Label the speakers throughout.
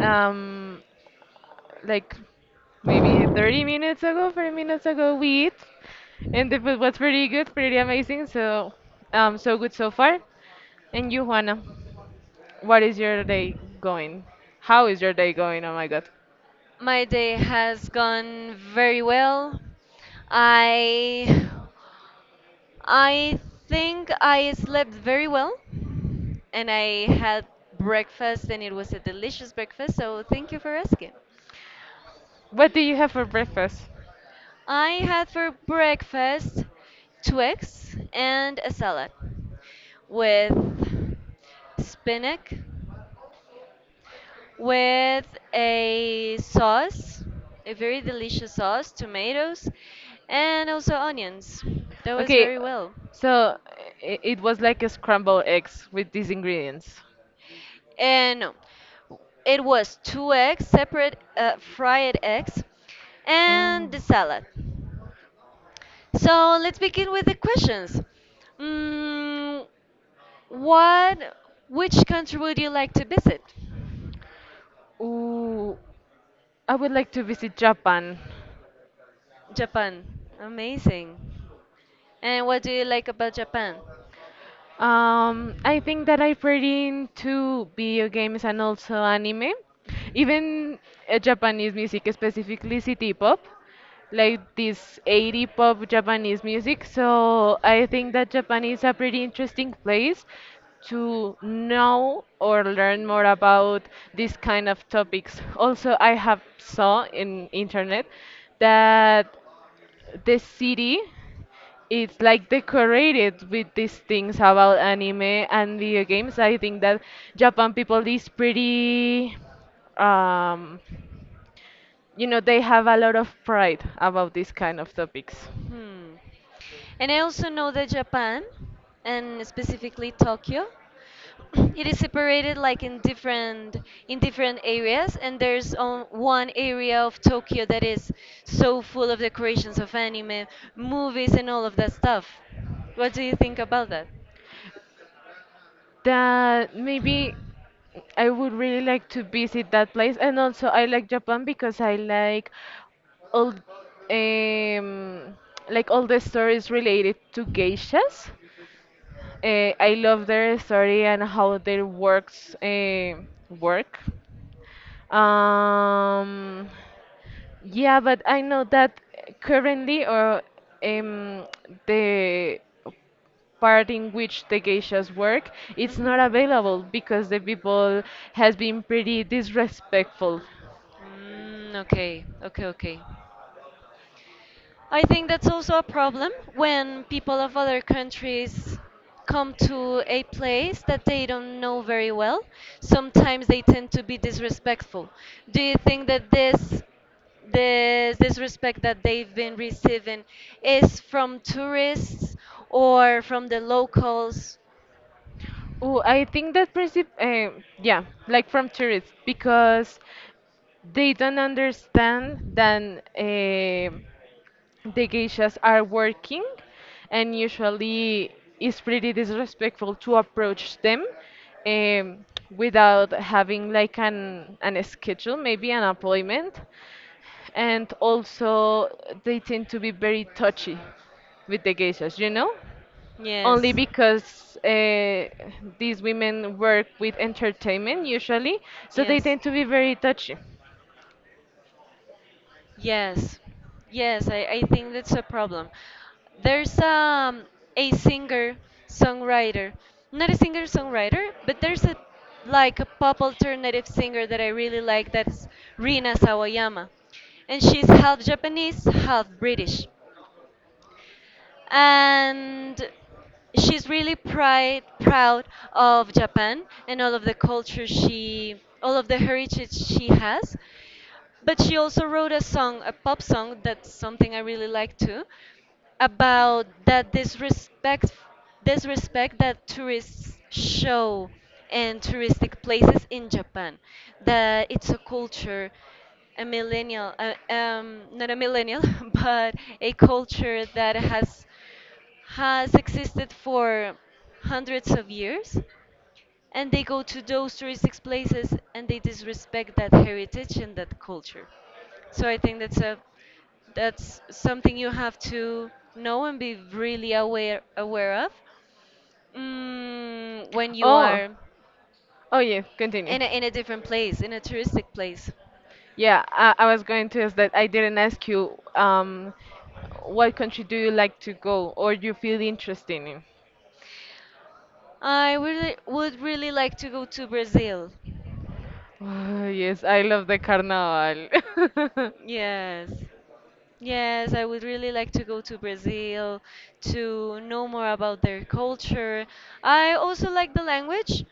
Speaker 1: um, like maybe 30 minutes ago, 40 minutes ago, we eat, and the food was pretty good, pretty amazing. So, so good so far. And you, Juana, what is your day going? How is your day going? Oh my God,
Speaker 2: My day has gone very well. I I think I slept very well, and I had breakfast, and it was a delicious breakfast, so thank you for asking.
Speaker 1: what do you have for breakfast?
Speaker 2: I had for breakfast two eggs and a salad with spinach with a sauce, a very delicious sauce, tomatoes, and also onions. That was
Speaker 1: Okay,
Speaker 2: very well.
Speaker 1: so it was like a scrambled eggs with these ingredients.
Speaker 2: And no, it was two eggs, separate fried eggs,
Speaker 1: Oh.
Speaker 2: and the salad. So let's begin with the questions. Mm, what, which country would you like to visit?
Speaker 1: Ooh, I would like to visit Japan.
Speaker 2: Japan. Amazing. And what do you like about Japan?
Speaker 1: I think that I'm pretty into video games and also anime, even Japanese music, specifically city pop, like this 80 pop Japanese music. So I think that Japan is a pretty interesting place to know or learn more about these kind of topics. Also, I have saw in internet that the city it's like decorated with these things about anime and video games. I think that Japan people is pretty, um, they have a lot of pride about these kind of topics.
Speaker 2: Hmm. And I also know that Japan, and specifically Tokyo, it is separated like in different areas, and there's one area of Tokyo that is so full of decorations of anime movies and all of that stuff. What do you think about that?
Speaker 1: That maybe I would really like to visit that place, and also I like Japan because I all, um, like all the stories related to geishas. I love their story and how their works work. Um, yeah, but I know that currently, or um, the part in which the geishas work, it's not
Speaker 2: Hmm.
Speaker 1: available because the people has been pretty disrespectful.
Speaker 2: Mm, okay, okay, okay. I think that's also a problem when people of other countries come to a place that they don't know very well. Sometimes they tend to be disrespectful. Do you think that this disrespect that they've been receiving is from tourists or from the locals?
Speaker 1: Oh, I think that princip yeah, like from tourists because they don't understand that the geishas are working and usually it's pretty disrespectful to approach them um, without having like an schedule, maybe an appointment. And also they tend to be very touchy with the geishas, you know? Only
Speaker 2: Yes.
Speaker 1: because these women work with entertainment usually, so they
Speaker 2: Yes.
Speaker 1: tend to be very touchy.
Speaker 2: Yes, yes, I think that's a problem. There's a singer songwriter, not a singer songwriter, but there's a like a pop alternative singer that I really like, that's Rina Sawayama. And she's half Japanese, half British, and she's really pride, proud of Japan and all of the culture she, all of the heritage she has. But she also wrote a song, a pop song, that's something I really like too, about that disrespect, disrespect that tourists show in touristic places in Japan. That it's a culture, a millennial, not a millennial, but a culture that has existed for hundreds of years, and they go to those touristic places and they disrespect that heritage and that culture. So I think that's a that's something you have to know and be really aware of when you
Speaker 1: Oh,
Speaker 2: are
Speaker 1: Oh yeah, continue.
Speaker 2: in a different place, in a touristic place.
Speaker 1: Yeah, I was going to ask that I didn't ask you what country do you like to go or you feel interested in?
Speaker 2: I really would really like to go to Brazil.
Speaker 1: Oh, yes, I love the carnival.
Speaker 2: Yes. Yes, I would really like to go to Brazil to know more about their culture. I also like the language,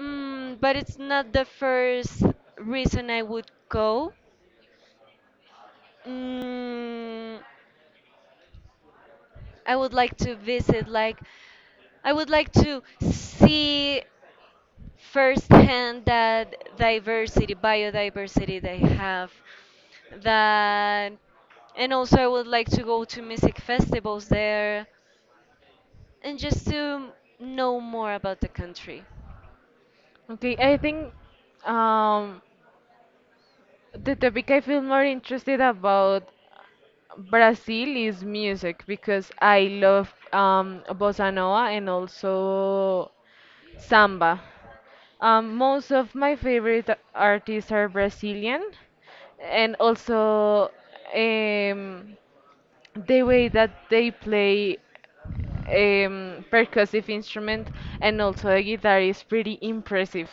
Speaker 2: but it's not the first reason I would go. Mm, I would like to visit, like, I would like to see firsthand that diversity, biodiversity they have. That, and also I would like to go to music festivals there, and just to know more about the country.
Speaker 1: Okay, I think um, the topic I feel more interested about Brazil is music because I love bossa nova and also samba. Most of my favorite artists are Brazilian, and also um, the way that they play percussive instrument and also a guitar is pretty impressive.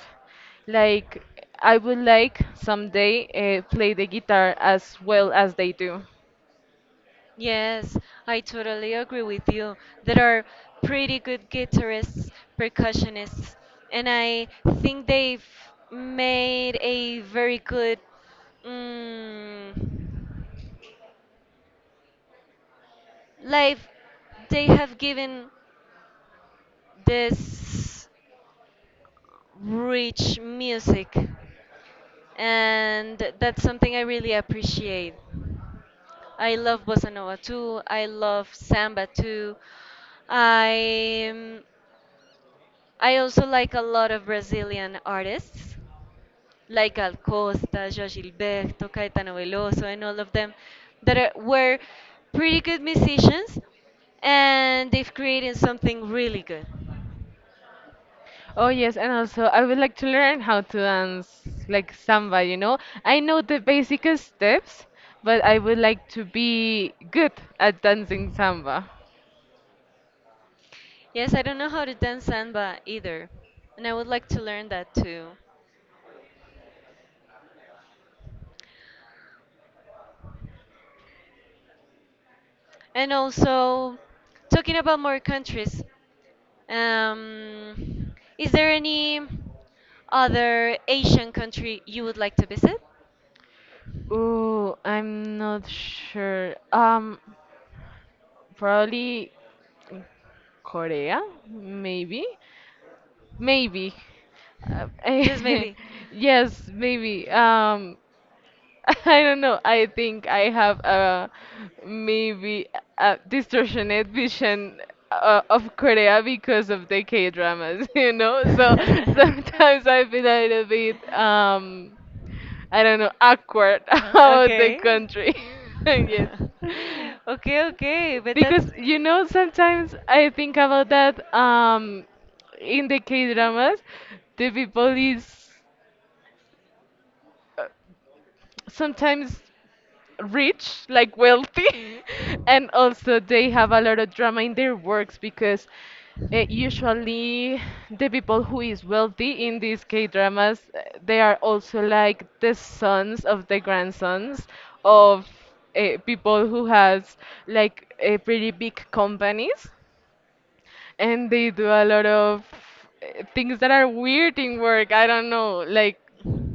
Speaker 1: Like I would like someday play the guitar as well as they do.
Speaker 2: Yes, I totally agree with you. There are pretty good guitarists, percussionists, and I think they've made a very good mm, life. They have given this rich music, and that's something I really appreciate. I love bossa nova too. I love samba too. I um, I also like a lot of Brazilian artists like Gal Costa, João Gilberto, Caetano Veloso, and all of them that are, were pretty good musicians, and they've created something really good.
Speaker 1: Oh yes, and also I would like to learn how to dance like samba, you know. I know the basic steps, but I would like to be good at dancing samba.
Speaker 2: Yes, I don't know how to dance samba either, and I would like to learn that too. And also, talking about more countries, is there any other Asian country you would like to visit?
Speaker 1: Ooh, I'm not sure. Probably Korea, maybe, maybe. Uh,
Speaker 2: Just maybe.
Speaker 1: yes, maybe. I don't know. I think I have a maybe a distortionate vision of Korea because of the K dramas, you know? So sometimes I feel a little bit, I don't know, awkward about the
Speaker 2: Okay.
Speaker 1: country. Yes.
Speaker 2: Okay, okay, but that's
Speaker 1: Because, you know, sometimes I think about that in the K dramas, the people is sometimes rich, like wealthy, and also they have a lot of drama in their works because usually the people who is wealthy in these K dramas, they are also like the sons of the grandsons of people who has like pretty big companies, and they do a lot of things that are weird in work. I don't know, like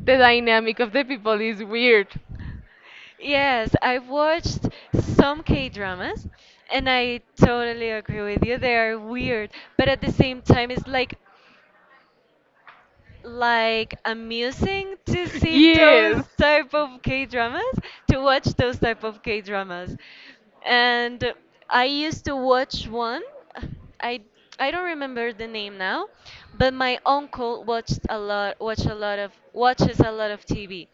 Speaker 1: the dynamic of the people is weird
Speaker 2: yes, I've watched some K dramas, and I totally agree with you. They are weird, but at the same time, it's like amusing to
Speaker 1: but
Speaker 2: see
Speaker 1: yes,
Speaker 2: those
Speaker 1: dramas.
Speaker 2: type of K dramas, to watch those type of K dramas. And I used to watch one. I I don't remember the name now, but my uncle watched a lot watch a lot of watches a lot of TV.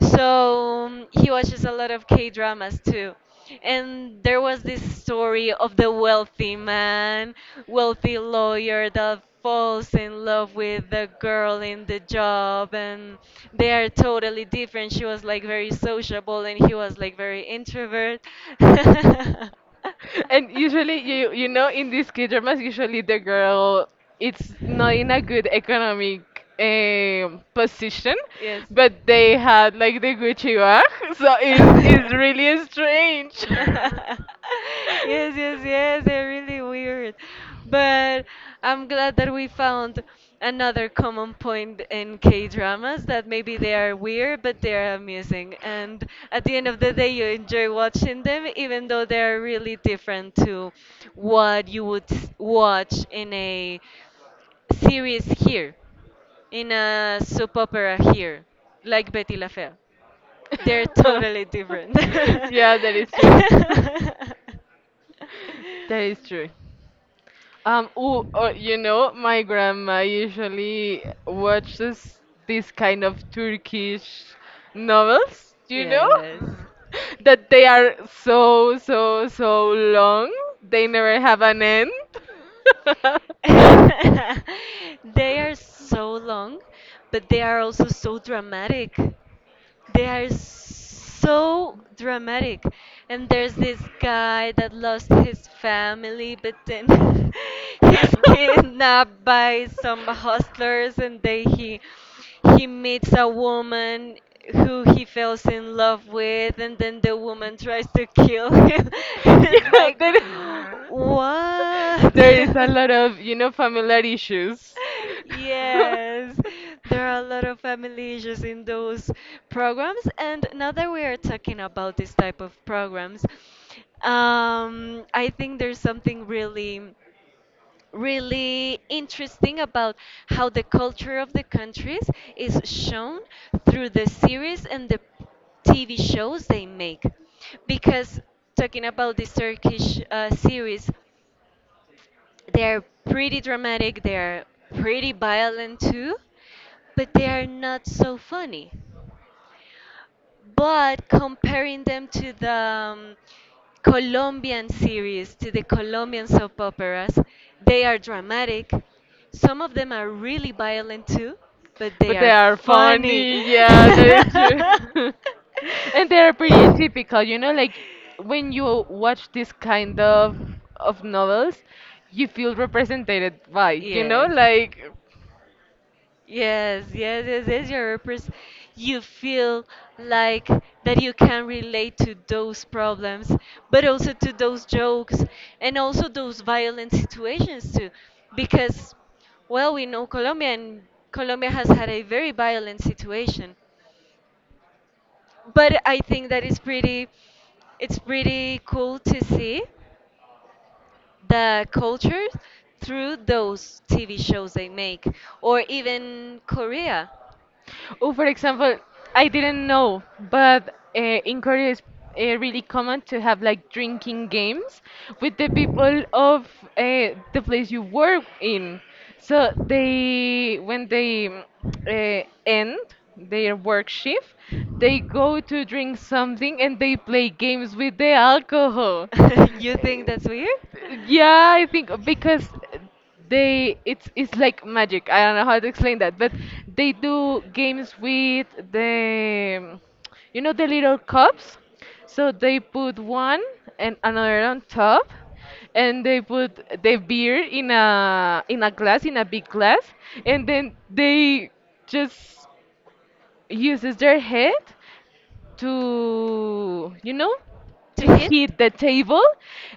Speaker 2: So he watches a lot of K dramas too. And there was this story of the wealthy man, wealthy lawyer that falls in love with the girl in the job, and they are totally different. She was like very sociable, and he was like very introvert.
Speaker 1: And usually, you know, in these K dramas, usually the girl it's not in a good economic position,
Speaker 2: Yes.
Speaker 1: but they had like the Gucci bag, so it's
Speaker 2: Yes,
Speaker 1: really strange.
Speaker 2: yes, yes, they're really weird. But I'm glad that we found another common point in K dramas, that maybe they are weird, but they're amusing. And at the end of the day, you enjoy watching them, even though they're really different to what you would watch in a series here, in a soap opera here, like Betty La Fea. They're totally different.
Speaker 1: yeah, that is true. that is true. You know, my grandma usually watches this kind of Turkish novels, you know?
Speaker 2: Yes.
Speaker 1: that they are so, so, so long, they never have an end.
Speaker 2: They are so long, but they are also so dramatic. They are so dramatic. And there's this guy that lost his family, but then he's kidnapped by some hustlers, and then he meets a woman who he falls in love with, and then the woman tries to kill him. It's
Speaker 1: Yeah,
Speaker 2: like,
Speaker 1: there is, there is a
Speaker 2: what?
Speaker 1: lot of, you know, familiar issues.
Speaker 2: Yes, there are a lot of family issues in those programs, and now that we are talking about this type of programs, I think there's something really, really interesting about how the culture of the countries is shown through the series and the TV shows they make. Because talking about this Turkish series. They're pretty dramatic, they're pretty violent too, but they are not so funny. But comparing them to the Colombian series, to the Colombian soap operas, they are dramatic. Some of them are really violent too, but they
Speaker 1: But they
Speaker 2: are
Speaker 1: are
Speaker 2: funny.
Speaker 1: funny, yeah, that is true. And they are pretty typical, you know, like when you watch this kind of novels, you feel represented by, you know,
Speaker 2: Yes.
Speaker 1: like
Speaker 2: Yes, yes, yes, yes. You feel like that you can relate to those problems, but also to those jokes and also those violent situations too. Because, well, we know Colombia, and Colombia has had a very violent situation. But I think that is pretty, it's pretty cool to see the culture through those TV shows they make, or even Korea.
Speaker 1: Oh, for example, I didn't know, but in Korea it's really common to have like drinking games with the people of the place you work in. So they, when they end their work shift, they go to drink something and they play games with the alcohol.
Speaker 2: You think that's weird?
Speaker 1: Yeah, I think because they it's like magic. I don't know how to explain that, but they do games with the you know the little cups. So they put one and another on top and they put the beer in a glass in a big glass and then they just uses their head to you know to
Speaker 2: To hit?
Speaker 1: hit the table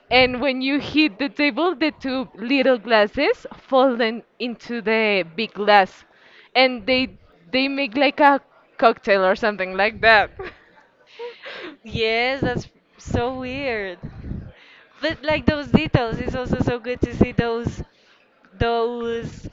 Speaker 1: and when you hit the table the two little glasses fall into the big glass and they make like a cocktail or something like that
Speaker 2: Yes, that's so weird. But like those details, it's also so good to see those those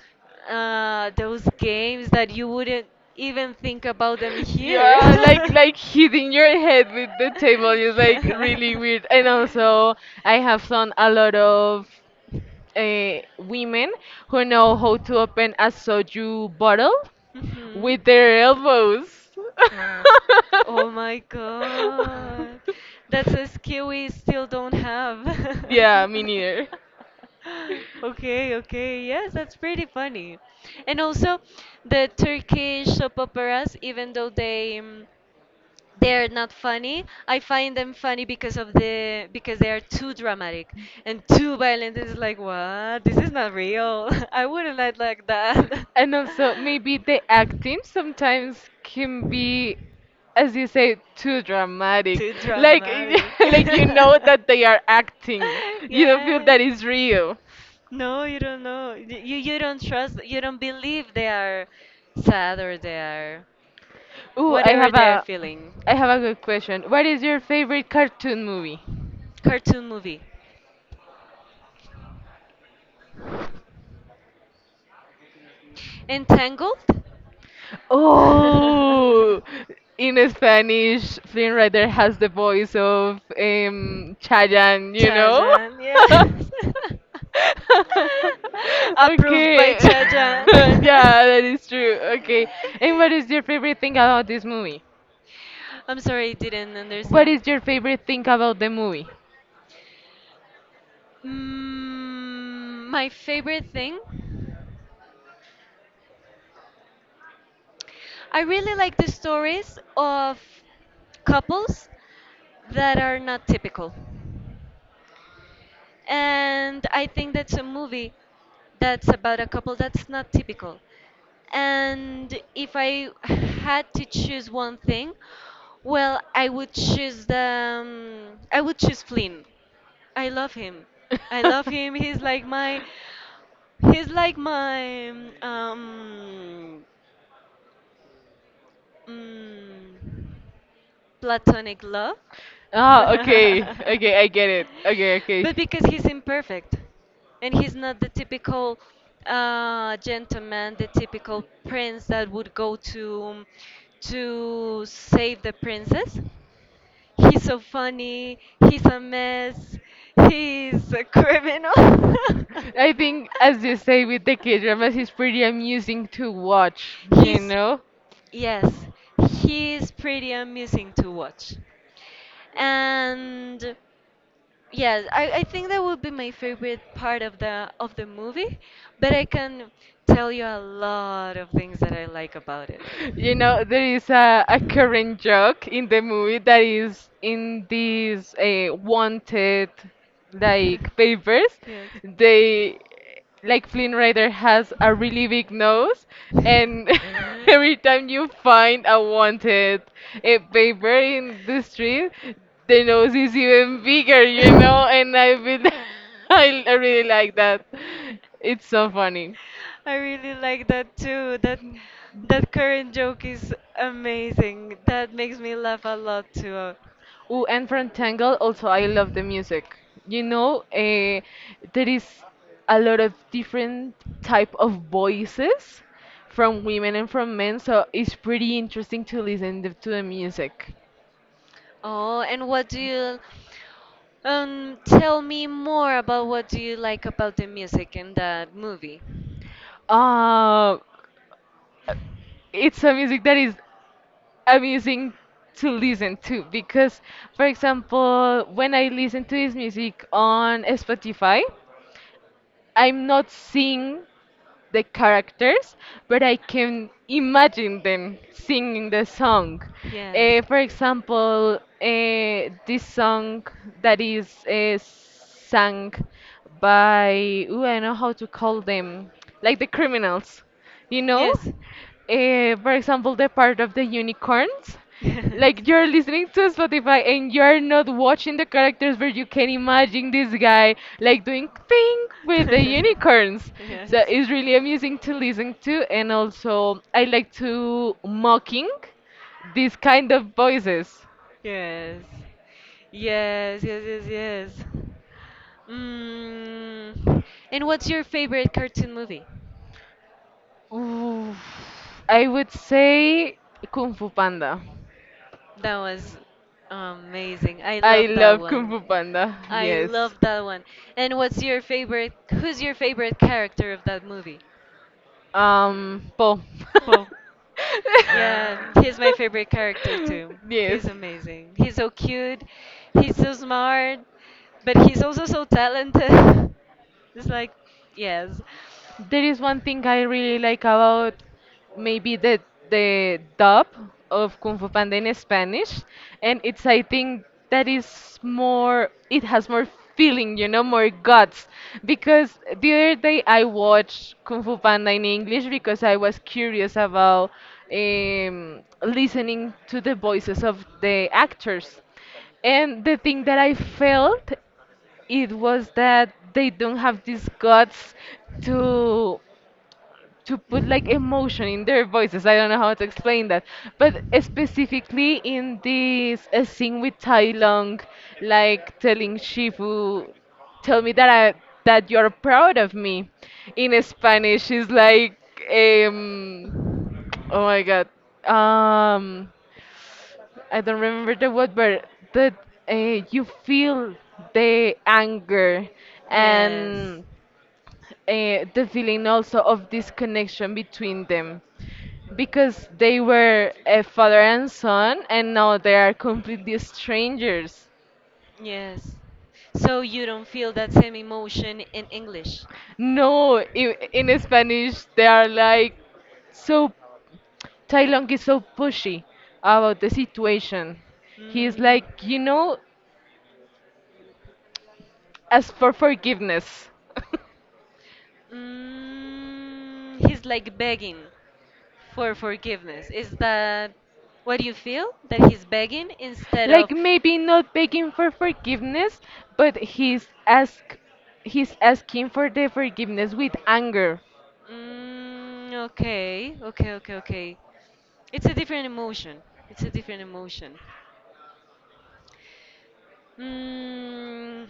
Speaker 2: those games that you wouldn't even think about them here.
Speaker 1: Yeah, like like hitting your head with the table is like really weird. And also, I have done a lot of women who know how to open a soju bottle
Speaker 2: Mhm.
Speaker 1: with their elbows.
Speaker 2: Oh my god. That's a skill we still don't have.
Speaker 1: yeah, me neither.
Speaker 2: Okay, okay. Yes, that's pretty funny. And also, the Turkish soap operas, even though they they're not funny. I find them funny because of the because they are too dramatic and too violent. It's like what? This is not real. I wouldn't like that.
Speaker 1: And also, maybe the acting sometimes can be, as you say, too dramatic.
Speaker 2: Too
Speaker 1: Like,
Speaker 2: dramatic.
Speaker 1: like you know that they are acting. You don't feel
Speaker 2: Yeah.
Speaker 1: that it's real.
Speaker 2: No, you don't know. You don't trust. You don't believe they are sad or they are.
Speaker 1: Ooh,
Speaker 2: Whatever they're feeling.
Speaker 1: I have a good question. What is your favorite cartoon movie?
Speaker 2: Cartoon movie. Entangled?
Speaker 1: Oh, in Spanish, Flynn Rider has the voice of Chayan, you know?
Speaker 2: Chajan, yes. Approved by
Speaker 1: Okay.
Speaker 2: Chajan.
Speaker 1: Yeah, that is true. Okay. And what is your favorite thing about this movie?
Speaker 2: I'm sorry, I didn't
Speaker 1: What
Speaker 2: understand.
Speaker 1: is your favorite thing about the movie?
Speaker 2: Mm, my favorite thing? I really like the stories of couples that are not typical. And I think that's a movie that's about a couple that's not typical. And if I had to choose one thing, well, I would choose the I would choose Flynn. I love him. I love him. He's like my um Mm, platonic love.
Speaker 1: Ah, okay. Okay, I get it. Okay, okay.
Speaker 2: But because he's imperfect, and he's not the typical gentleman, the typical prince that would go to save the princess. He's so funny. He's a mess. He's a criminal.
Speaker 1: I think, as you say, with the K dramas, it's pretty amusing to watch, you
Speaker 2: He's
Speaker 1: know?
Speaker 2: yes, he is pretty amusing to watch. And yes, I think that would be my favorite part of the movie, but I can tell you a lot of things that I like about it.
Speaker 1: You know, there is a current joke in the movie that is in these wanted like papers.
Speaker 2: Yes.
Speaker 1: They like Flynn Rider has a really big nose, and every time you find a wanted a paper in the street, the nose is even bigger, you know. And I feel I really like that. It's so funny.
Speaker 2: I really like that too. That current joke is amazing. That makes me laugh a lot too.
Speaker 1: Oh, and from Tangle, also I love the music. You know, there is a lot of different type of voices from women and from men, so it's pretty interesting to listen to the music.
Speaker 2: Oh, and what do you tell me more about what do you like about the music in that movie?
Speaker 1: Uh, it's a music that is amazing to listen to because, for example, when I listen to this music on Spotify, I'm not seeing the characters, but I can imagine them singing the song.
Speaker 2: Yes.
Speaker 1: For example, this song that is sung by, ooh, I know how to call them, like the criminals, you know?
Speaker 2: Yes.
Speaker 1: For example, the part of the unicorns. Like you're listening to Spotify and you're not watching the characters, but you can imagine this guy like doing thing with the unicorns. So
Speaker 2: Yes.
Speaker 1: it's really amusing to listen to, and also I like to mocking these kind of voices.
Speaker 2: Yes. Yes, yes, yes, yes. Mm. And what's your favorite cartoon movie?
Speaker 1: Ooh, I would say Kung Fu Panda.
Speaker 2: That was amazing. I
Speaker 1: I
Speaker 2: love that
Speaker 1: love Kung
Speaker 2: one.
Speaker 1: Fu Panda.
Speaker 2: I
Speaker 1: Yes.
Speaker 2: love that one. And what's your favorite? Who's your favorite character of that movie?
Speaker 1: Po.
Speaker 2: Well, yeah, he's my favorite character too.
Speaker 1: Yes.
Speaker 2: He's amazing. He's so cute. He's so smart, but he's also so talented. It's like, yes.
Speaker 1: There is one thing I really like about maybe the dub of Kung Fu Panda in Spanish, and it's I think that is more it has more feeling, you know, more guts. Because the other day I watched Kung Fu Panda in English because I was curious about listening to the voices of the actors. And the thing that I felt it was that they don't have these guts to put like emotion in their voices. I don't know how to explain that, but specifically in this scene with Tai Long, like telling Shifu, "Tell me that I that you're proud of me." In Spanish, is like, um, oh my god, um. I don't remember the word, but that you feel the anger
Speaker 2: Yes.
Speaker 1: and the feeling also of disconnection between them because they were a father and son and now they are completely strangers.
Speaker 2: Yes. So you don't feel that same emotion in English.
Speaker 1: No, in Spanish they are like so Tai Long is so pushy about the situation. He is
Speaker 2: Mm,
Speaker 1: like, you know, as for forgiveness.
Speaker 2: mm, he's like begging for forgiveness? Is that what you feel? That he's begging instead
Speaker 1: like
Speaker 2: of
Speaker 1: maybe not begging for forgiveness, but he's asking for the forgiveness with anger.
Speaker 2: mm, okay, okay, okay, okay. It's a different emotion. It's a different emotion. Mm,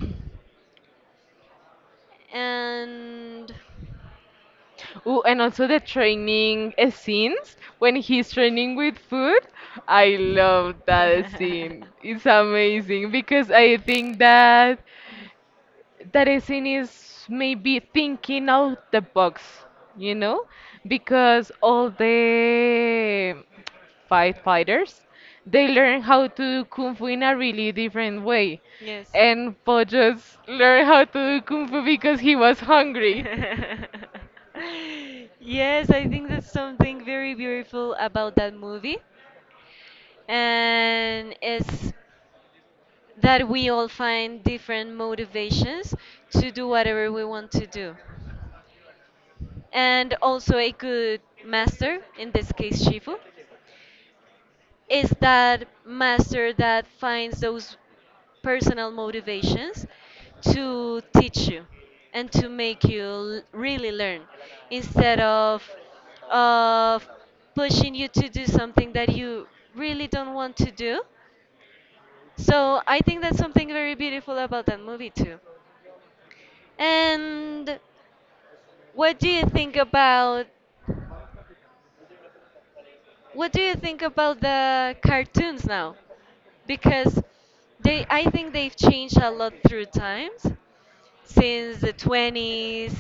Speaker 2: and
Speaker 1: Oh, and also the training scenes when he's training with food. I love that scene. It's amazing because I think that is maybe thinking out the box, you know, because all the firefighters they learn how to do kung fu in a really different way,
Speaker 2: yes.
Speaker 1: and Po just learned how to do kung fu because he was hungry.
Speaker 2: Yes, I think that's something very beautiful about that movie. And it's that we all find different motivations to do whatever we want to do. And also a good master, in this case, Shifu, is that master that finds those personal motivations to teach you and to make you really learn, instead of of pushing you to do something that you really don't want to do. So I think that's something very beautiful about that movie too. And what do you think about the cartoons now? Because they, I think they've changed a lot through times since the '20s,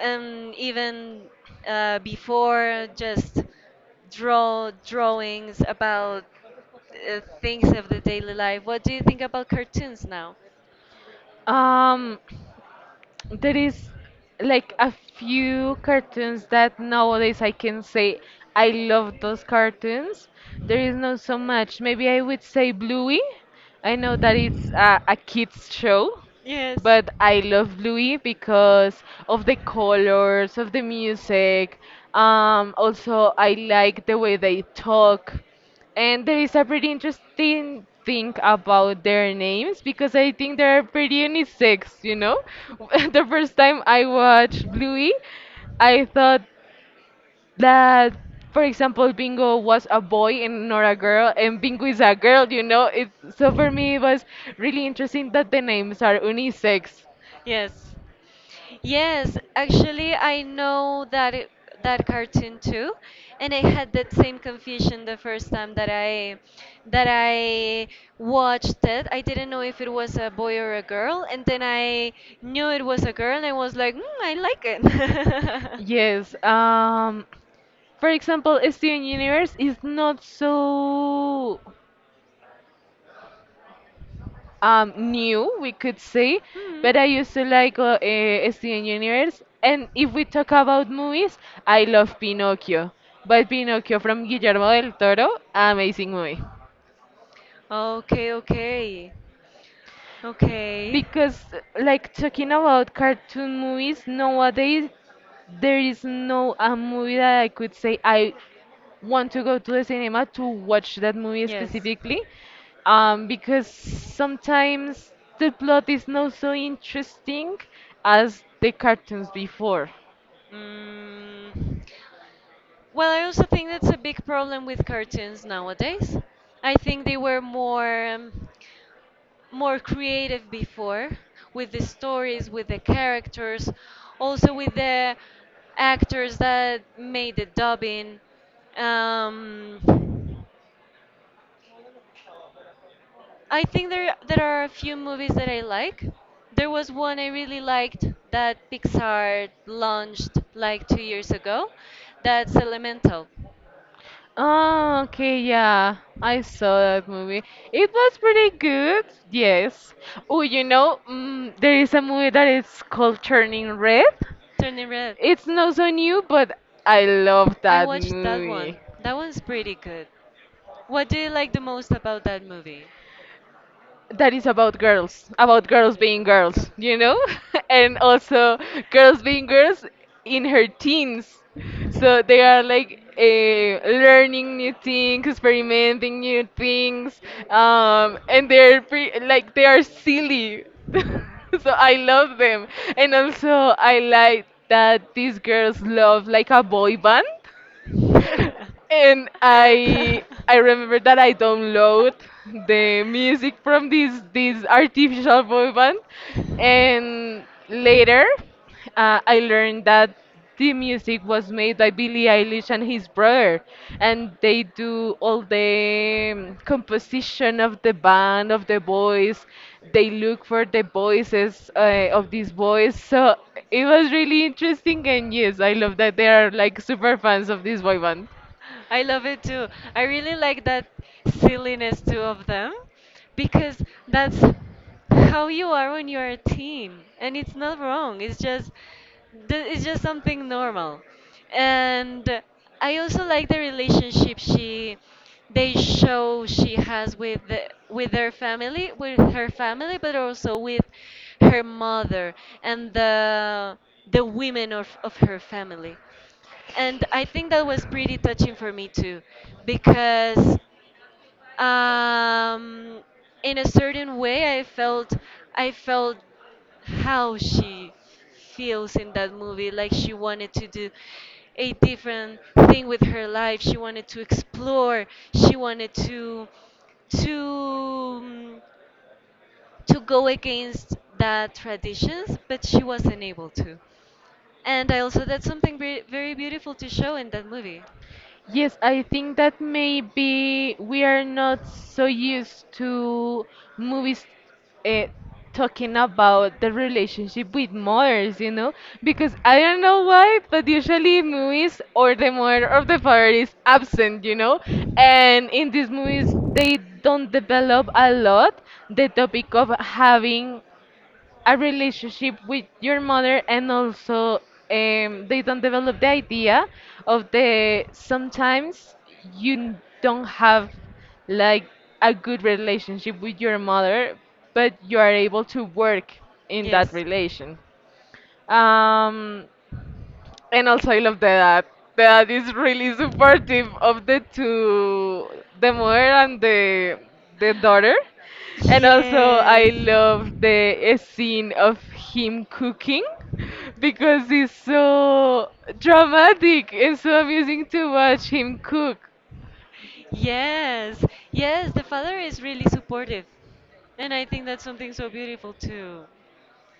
Speaker 2: and even before, just drawings about things of the daily life. What do you think about cartoons now?
Speaker 1: Um, there is like a few cartoons that nowadays I can say I love those cartoons. There is not so much. Maybe I would say Bluey. I know that it's a kids show,
Speaker 2: Yes.
Speaker 1: but I love Bluey because of the colors, of the music. Also, I like the way they talk. And there is a pretty interesting thing about their names because I think they're pretty unisex, you know? The first time I watched Bluey, I thought that, for example, Bingo was a boy and not a girl, and Bingo is a girl, you know? It, so for me, it was really interesting that the names are unisex.
Speaker 2: Yes. Yes, actually, I know that, it, that cartoon too, and I had that same confusion the first time that I watched it. I didn't know if it was a boy or a girl, and then I knew it was a girl, and I was like, mm, I like it.
Speaker 1: Yes. For example, Steven Universe is not so new, we could say,
Speaker 2: Hmm.
Speaker 1: but I used to like Steven Universe. And if we talk about movies, I love Pinocchio. But Pinocchio from Guillermo del Toro, amazing movie.
Speaker 2: Okay, okay. Okay.
Speaker 1: Because, like, talking about cartoon movies, nowadays there is no a movie that I could say I want to go to the cinema to watch that movie
Speaker 2: Yes.
Speaker 1: specifically. Because sometimes the plot is not so interesting as the cartoons before.
Speaker 2: Mm, well, I also think that's a big problem with cartoons nowadays. I think they were more more creative before with the stories, with the characters, also with the actors that made the dubbing. Um, I think there are a few movies that I like. There was one I really liked that Pixar launched like 2 years ago. That's Elemental,
Speaker 1: Oh, okay, yeah. I saw that movie. It was pretty good, yes. Oh, you know, there is a movie that is called Turning Red.
Speaker 2: Turning Red.
Speaker 1: It's not so new, but I love
Speaker 2: I
Speaker 1: that
Speaker 2: watched that
Speaker 1: movie.
Speaker 2: one. That one's pretty good. What do you like the most about that movie?
Speaker 1: That is about girls being girls, you know? And also girls being girls in her teens. So they are like learning new things, experimenting new things, and like they are silly. So I love them. And also I like that these girls love like a boy band. and I remember that I download the music from this artificial boy band, and later I learned that the music was made by Billie Eilish and his brother, and they do all the composition of the band of the boys. They look for the voices of these boys, so it was really interesting. And yes, I love that they are like super fans of this boy band.
Speaker 2: I love it too. I really like that silliness too of them, because that's how you are when you are a teen, and it's not wrong. It's just it's just something normal. And I also like the relationship she they show she has with the, with their family, with her family, but also with her mother and the women of her family. And I think that was pretty touching for me too, because um, in a certain way, I felt I felt how she feels in that movie, like she wanted to do a different thing with her life. She wanted to explore. She wanted to to um, to go against that traditions, but she wasn't able to. And I also that's something very, very beautiful to show in that movie.
Speaker 1: Yes, I think that maybe we are not so used to movies uh, talking about the relationship with mothers, you know? Because I don't know why, but usually in movies or the mother of the father is absent, you know? And in these movies, they don't develop a lot the topic of having a relationship with your mother and also they don't develop the idea of the sometimes you don't have like a good relationship with your mother but you are able to work in that
Speaker 2: Yes.
Speaker 1: relation um, and also, I love that. That is really supportive of the two, the mother and the daughter. And also, I
Speaker 2: Yes.
Speaker 1: love the scene of him cooking because it's so dramatic. It's so amusing to watch him cook.
Speaker 2: Yes. Yes, the father is really supportive. And I think that's something so beautiful too.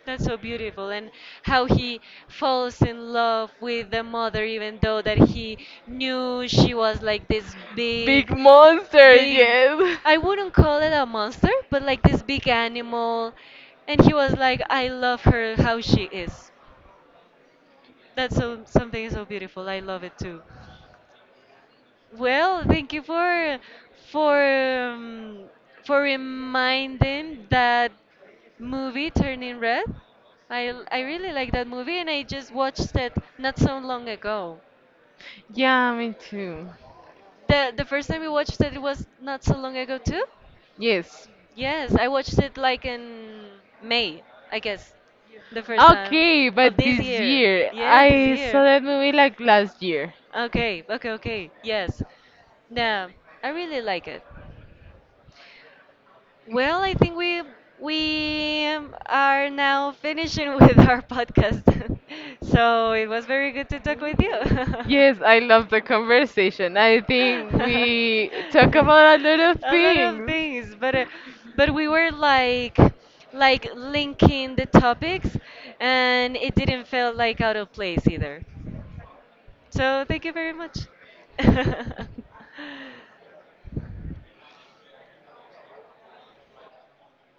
Speaker 2: That's so beautiful, and how he falls in love with the mother, even though that he knew she was like this
Speaker 1: Big
Speaker 2: big,
Speaker 1: monster,
Speaker 2: big.
Speaker 1: yes.
Speaker 2: I wouldn't call it a monster, but like this big animal, and he was like, "I love her how she is." That's so something so beautiful. I love it too. Well, thank you for for um, for reminding that movie Turning Red. I really like that movie, and I just watched it not so long ago.
Speaker 1: Yeah, me too.
Speaker 2: The first time we watched it, it was not so long ago too.
Speaker 1: Yes.
Speaker 2: Yes, I watched it like in May, I guess, the first time
Speaker 1: Okay,
Speaker 2: of
Speaker 1: but
Speaker 2: this
Speaker 1: this
Speaker 2: year.
Speaker 1: year
Speaker 2: Yeah, this
Speaker 1: I saw
Speaker 2: year.
Speaker 1: that movie like last year.
Speaker 2: Okay, okay, okay. Yes. Now I really like it. Well, I think we are now finishing with our podcast. So it was very good to talk with you.
Speaker 1: Yes, I love the conversation. I think we talk about a lot of
Speaker 2: A lot of
Speaker 1: things.
Speaker 2: things, but we were like linking the topics, and it didn't feel like out of place either. So thank you very much.